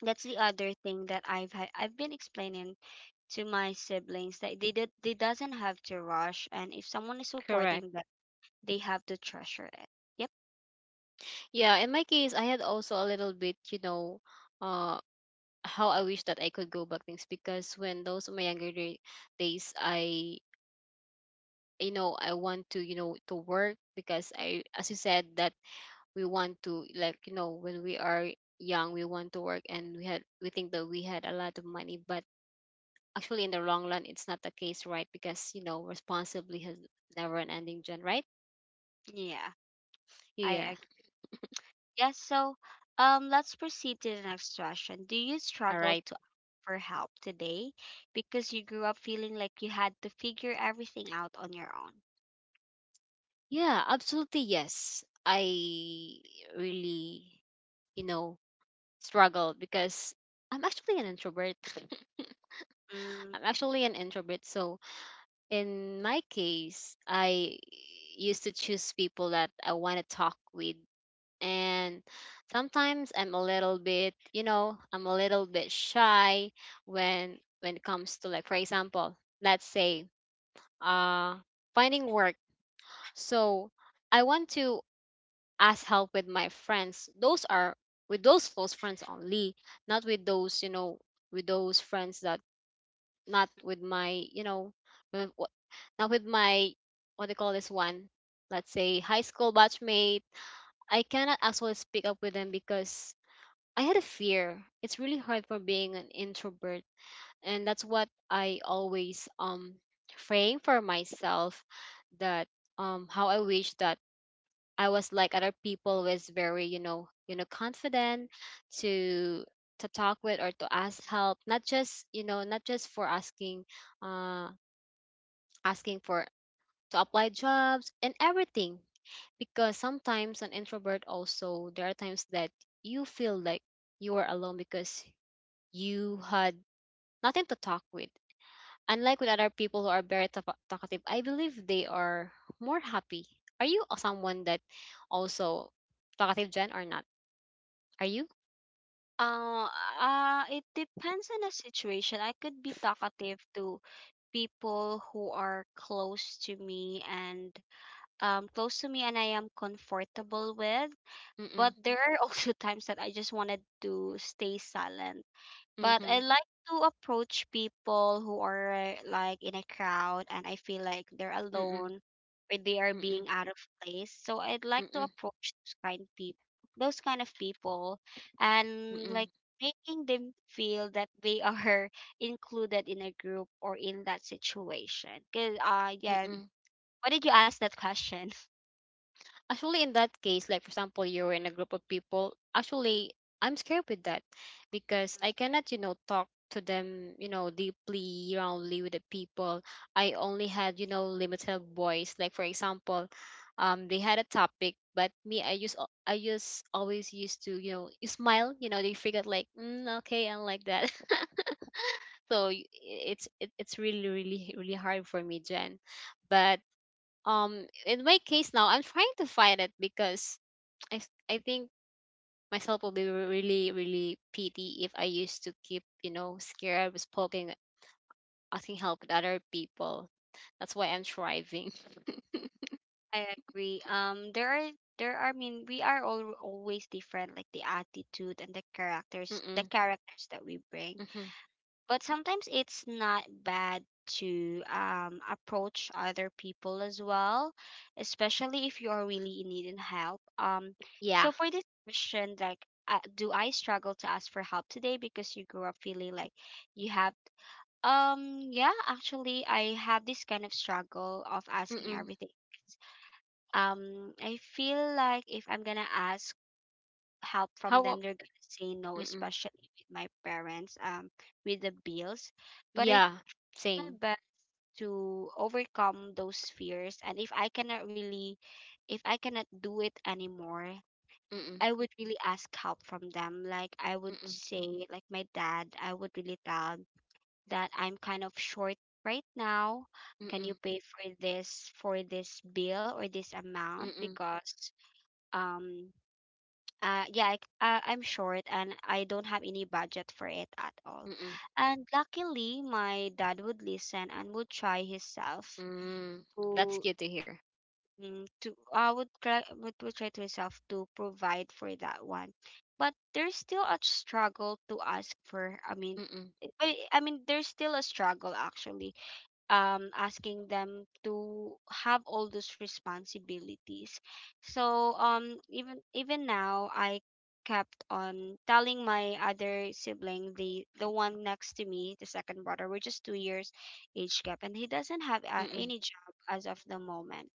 that's the other thing that I've ha- I've been explaining to my siblings, that they did they doesn't have to rush, and if someone is
correct.
supporting them, they have to treasure it, yeah.
Yeah, in my case, I had also a little bit, you know, uh, how I wish that I could go back things because when those my younger day, days, I, you know, I want to, you know, to work because I, as you said, that we want to like, you know, when we are young, we want to work and we had we think that we had a lot of money, but actually in the long run it's not the case, right? Because, you know, responsibly has never an ending, Gen, right?
Yeah, I
Yeah,
agree. Yes, so um, let's proceed to the next question. Do you
all
struggle
right.
to ask for help today because you grew up feeling like you had to figure everything out on your own?
Yeah, absolutely, yes. I really you know struggle because I'm actually an introvert.
Mm,
I'm actually an introvert, so in my case I used to choose people that I want to talk with. And sometimes I'm a little bit, you know, I'm a little bit shy when when it comes to, like, for example, let's say uh finding work. So I want to ask help with my friends. Those are with those close friends only, not with those, you know, with those friends that, not with my, you know, with, not with my, what they call this one, let's say high school batchmate. I cannot actually speak up with them because I had a fear. It's really hard for being an introvert, and that's what I always um frame for myself, that um how I wish that I was like other people, was very, you know, you know, confident to to talk with or to ask help, not just, you know, not just for asking uh asking for to apply jobs and everything. Because sometimes an introvert, also there are times that you feel like you are alone because you had nothing to talk with. Unlike with other people who are very talk- talkative, I believe they are more happy. Are you a- someone that also talkative, Jen, or not? Are you?
uh, uh, it depends on the situation. I could be talkative to people who are close to me and um, close to me and I am comfortable with.
Mm-mm,
But there are also times that I just wanted to stay silent. But I
mm-hmm,
like to approach people who are like in a crowd and I feel like they're
mm-mm,
alone or they are
mm-mm,
being out of place. So I'd like to
mm-mm,
approach those kind of people, those kind of people and,
mm-mm,
like, making them feel that they are included in a group or in that situation. Cause, uh, yeah,
mm-mm,
why did you ask that question?
actually in that case, like, for example, you're in a group of people, actually I'm scared with that because I cannot, you know, talk to them, you know, deeply roundly with the people. I only had, you know, limited voice. Like, for example, um they had a topic, but me, I just al- I just always used to, you know, you smile, you know, they figured like, mm, okay, I like that. So y- it's it, it's really really really hard for me, Jen. But um in my case now I'm trying to fight it because i s- I think myself will be re- really really pity if I used to keep, you know, scared with poking, asking help with other people. That's why I'm thriving.
I agree. Um, there are there are, I mean, we are all always different, like the attitude and the characters, the
Mm-mm,
characters that we bring.
mm-mm,
But sometimes it's not bad to um approach other people as well, especially if you are really in need and help. Um,
yeah,
so for this question, like, uh, do I struggle to ask for help today because you grew up feeling like you have um yeah, actually I have this kind of struggle of asking
mm-mm.
everything. Um, I feel like if I'm gonna ask help
How
from
about,
them, they're gonna say no,
mm-mm,
especially with my parents, um, with the bills. But I
yeah,
do my
same,
best to overcome those fears, and if I cannot really, if I cannot do it anymore,
mm-mm,
I would really ask help from them. Like, I would
mm-mm,
say, like my dad, I would really tell that I'm kind of short right now. Can
mm-mm,
you pay for this for this bill or this amount,
mm-mm,
because um uh, yeah, I, c- uh, I'm short and I don't have any budget for it at all.
mm-mm,
And luckily, my dad would listen and would try himself
mm. That's
to
good to hear.
mm, to I would try would, would try to himself to provide for that one. But there's still a struggle to ask for. I mean,
Mm-mm,
I, I mean, there's still a struggle, actually, um, asking them to have all those responsibilities. So, um, even even now, I kept on telling my other sibling, the the one next to me, the second brother, we're just two years age gap, and he doesn't have uh,
mm-mm,
any job as of the moment.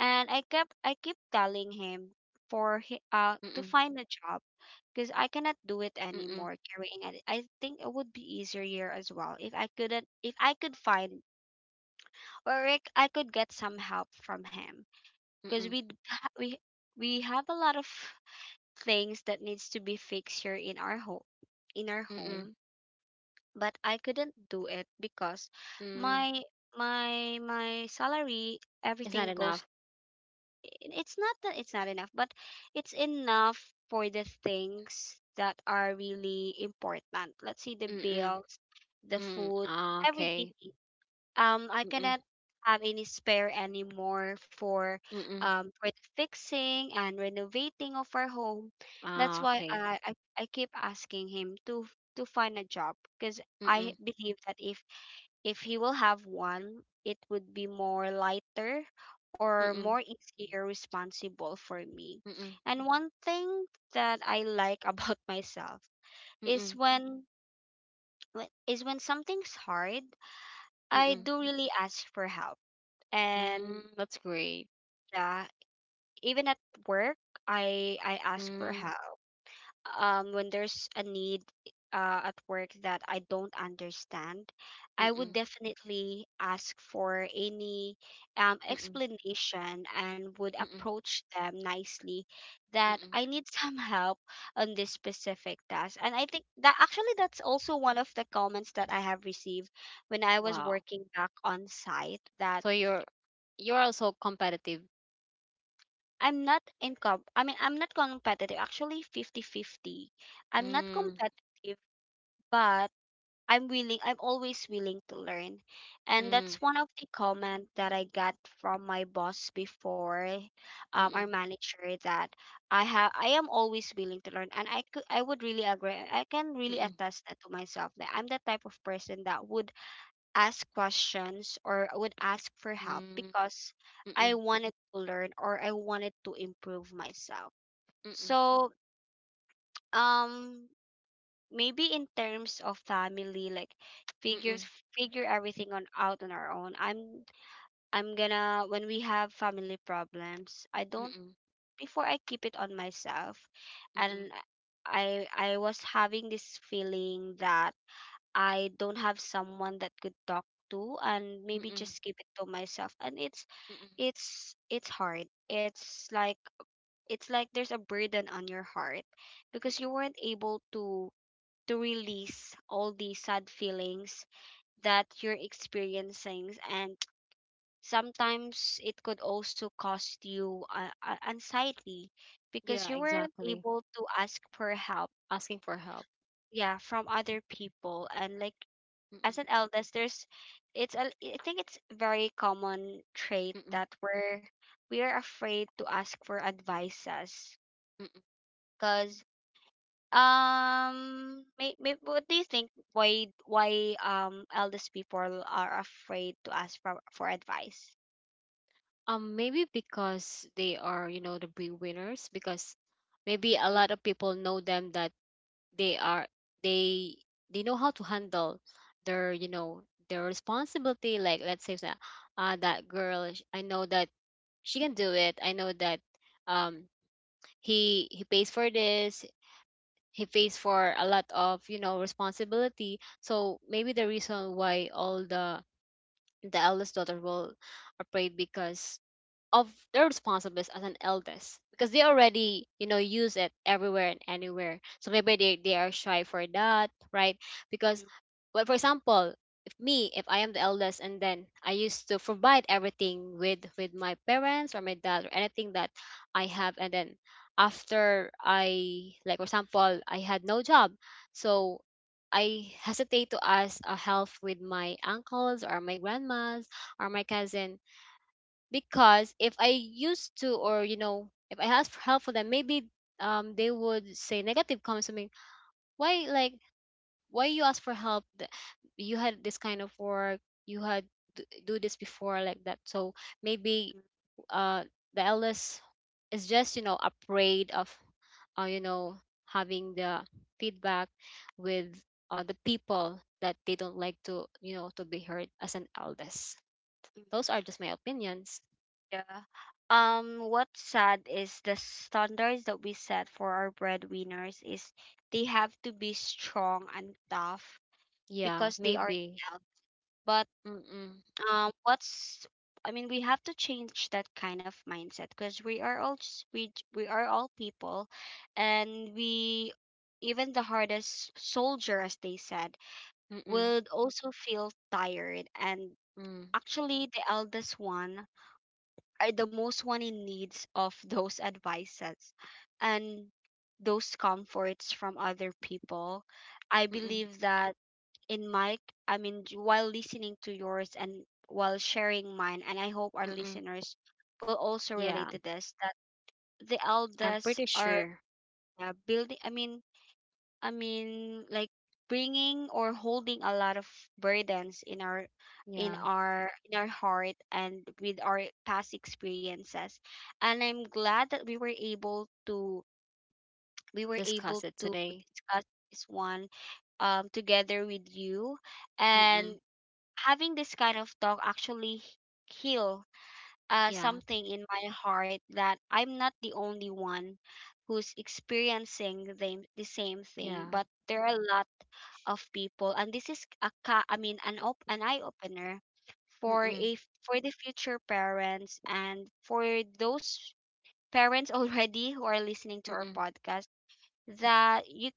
And I kept I keep telling him for he, uh, to
mm-mm,
find a job, because I cannot do it
mm-mm,
anymore carrying it. I think it would be easier as well if I couldn't, if I could find, or Rick, I could get some help from him, because
mm-mm,
we d- ha- we we have a lot of things that needs to be fixed here in our home in our
mm-mm,
home, but I couldn't do it because
mm.
my my my salary
It's not
everything goes
enough.
it's not that it's not enough, but it's enough for the things that are really important. Let's say the
Mm-mm.
bills, the
Mm,
food,
ah,
everything.
okay.
Um, I
Mm-mm,
cannot have any spare anymore for
mm-mm.
um for the fixing and renovating of our home. That's
Ah,
why
okay.
I I, I keep asking him to to find a job, because
Mm-mm,
I believe that if if he will have one, it would be more lighter or
mm-mm,
more easier responsible for me.
mm-mm,
And one thing that I like about myself is
mm-mm,
when when- is when something's hard, I
mm-mm.
do really ask for help. And
Mm, that's great.
yeah, even at work, i i ask for
Mm,
help. Um, when there's a need, uh, at work that I don't understand, I would
mm-mm,
definitely ask for any, um,
mm-mm,
explanation and would
mm-mm,
approach them nicely that
mm-mm.
I need some help on this specific task. And I think that, actually, that's also one of the comments that I have received when I was
Wow.
working back on site. That
So you're you're also competitive.
I'm not incom. I mean, I'm not competitive, actually. Fifty fifty. I'm not
Mm,
competitive, but I'm willing, I'm always willing to learn, and that's
mm,
one of the comment that I got from my boss before, um, our
mm-mm,
manager, that I have I am always willing to learn, and I could I would really agree, I can really
mm-mm,
attest that to myself, that I'm the type of person that would ask questions or would ask for help,
mm,
because I
mm-mm,
wanted to learn or I wanted to improve myself.
mm-mm,
So, um, maybe in terms of family, like,
mm-mm,
figures figure everything on out on our own. I'm I'm gonna when we have family problems, I
mm-mm,
don't,
mm-mm,
before, I keep it on myself,
mm-mm,
and I I was having this feeling that I don't have someone that could talk to, and maybe
mm-mm,
just keep it to myself. And it's
mm-mm.
it's it's hard. It's like, it's like there's a burden on your heart, because you weren't able to to release all the sad feelings that you're experiencing. And sometimes it could also cost you, uh, uh, anxiety, because
Yeah,
you weren't
exactly.
able to ask for help,
Asking for help.
yeah, from other people. And, like,
Mm-mm,
as an eldest, there's, it's a, I think it's very common trait,
mm-mm.
that we're we are afraid to ask for advices, because, um may, may, what do you think why why um eldest people are afraid to ask for, for advice.
Um, maybe because they are, you know, the breadwinners. Because maybe a lot of people know them that they are, they they know how to handle their, you know, their responsibility. Like, let's say that, uh, that girl, sh- I know that she can do it. I know that um he he pays for this. He pays for a lot of, you know, responsibility. So maybe the reason why all the the eldest daughter will afraid because of their responsibilities as an eldest, because they already, you know, use it everywhere and anywhere. So maybe they, they are shy for that, right? Because,
Mm-mm-mm-mm.
well, for example, if me, if I am the eldest, and then I used to provide everything with with my parents or my dad or anything that I have, and then after, I, like for example, I had no job, so I hesitate to ask a help with my uncles or my grandmas or my cousin. Because if I used to, or, you know, if I ask for help for them, maybe um they would say negative comments to me, why, like, why you ask for help? Th- you had this kind of work, you had d- do this before, like that. So maybe, uh the eldest is just, you know, afraid of, uh, you know, having the feedback with, uh, the people that they don't like to, you know, to be heard as an eldest. Those are just my opinions.
Yeah, um, what's sad is the standards that we set for our breadwinners is they have to be strong and tough
Yeah,
because they are the
maybe.
eldest.
Mm-mm,
Um, what's, I mean, we have to change that kind of mindset, because we are all s- we j- we are all people, and we, even the hardest soldier, as they said,
mm-mm,
would also feel tired. And
mm,
actually, the eldest one are the most one in needs of those advices and those comforts from other people. I
mm-mm,
believe that in my, I mean, j- while listening to yours and while sharing mine, and I hope our
mm-mm.
listeners will also
Yeah,
relate to this, that the
I'm pretty
elders are,
sure.
uh, building, I mean, I mean, like, bringing or holding a lot of burdens in our in
Yeah,
our in our heart and with our past experiences. And I'm glad that we were able to, we were
discuss
able
it
to
today.
discuss this one, um, together with you.
Mm-mm,
And having this kind of talk actually h- heal, uh,
yeah,
something in my heart, that I'm not the only one who's experiencing the, the same
yeah,
thing, but there are a lot of people, and this is a ca- I mean an op- an eye opener for
mm-mm,
a f- for the future parents and for those parents already who are listening to our
mm-mm.
podcast, that you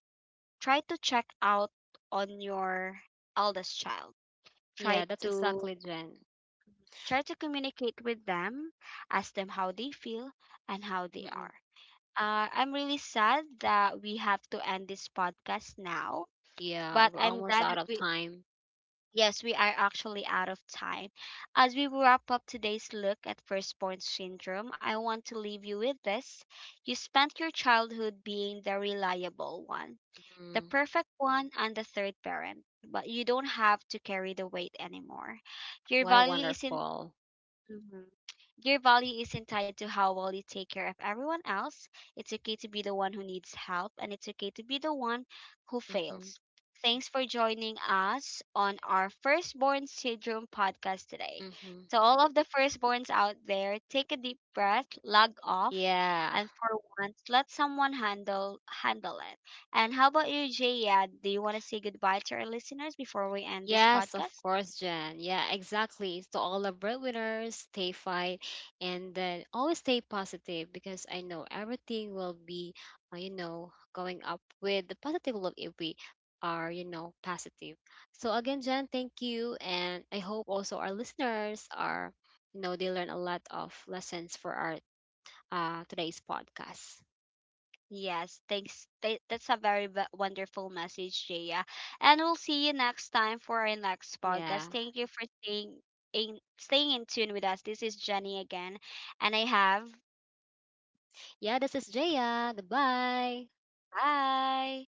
try to check out on your eldest child.
Yeah,
Try
that's
to
exactly, Jen.
Try to communicate with them, ask them how they feel and how they
Mm-mm.
are. Uh, I'm really sad that we have to end this podcast now,
Yeah,
but
we're
I'm
almost
glad
out
that
of
we,
time.
yes, we are actually out of time. As we wrap up today's look at firstborn syndrome, I want to leave you with this. You spent your childhood being the reliable one, the
Mm,
perfect one, and the third parent, but you don't have to carry the weight anymore. Your
what a
value isn't
wonderful.
Mhm. Your value isn't tied to how well you take care of everyone else. It's okay to be the one who needs help, and it's okay to be the one who
Mm-hmm,
fails. Thanks for joining us on our Firstborn Syndrome podcast today.
mm-hmm.
To all of the firstborns out there, take a deep breath, log off,
Yeah,
and for once, let someone handle handle it. And how about you, Jaya? Do you want to say goodbye to our listeners before we end this
yes, of
podcast?
course, Jen. Yeah, exactly. To all the breadwinners, stay fight and then always stay positive, because I know everything will be, uh, you know, going up with the positive look if we are, you know, positive. So again, Jen, thank you. And I hope also our listeners are, you know, they learn a lot of lessons for our uh, today's podcast.
Yes, thanks. Th- That's a very v- wonderful message, Jaya. And we'll see you next time for our next
Yeah.
podcast. Thank you for staying in, staying in tune with us. This is Jenny again, and I have
Yeah, this is Jaya. Goodbye.
bye.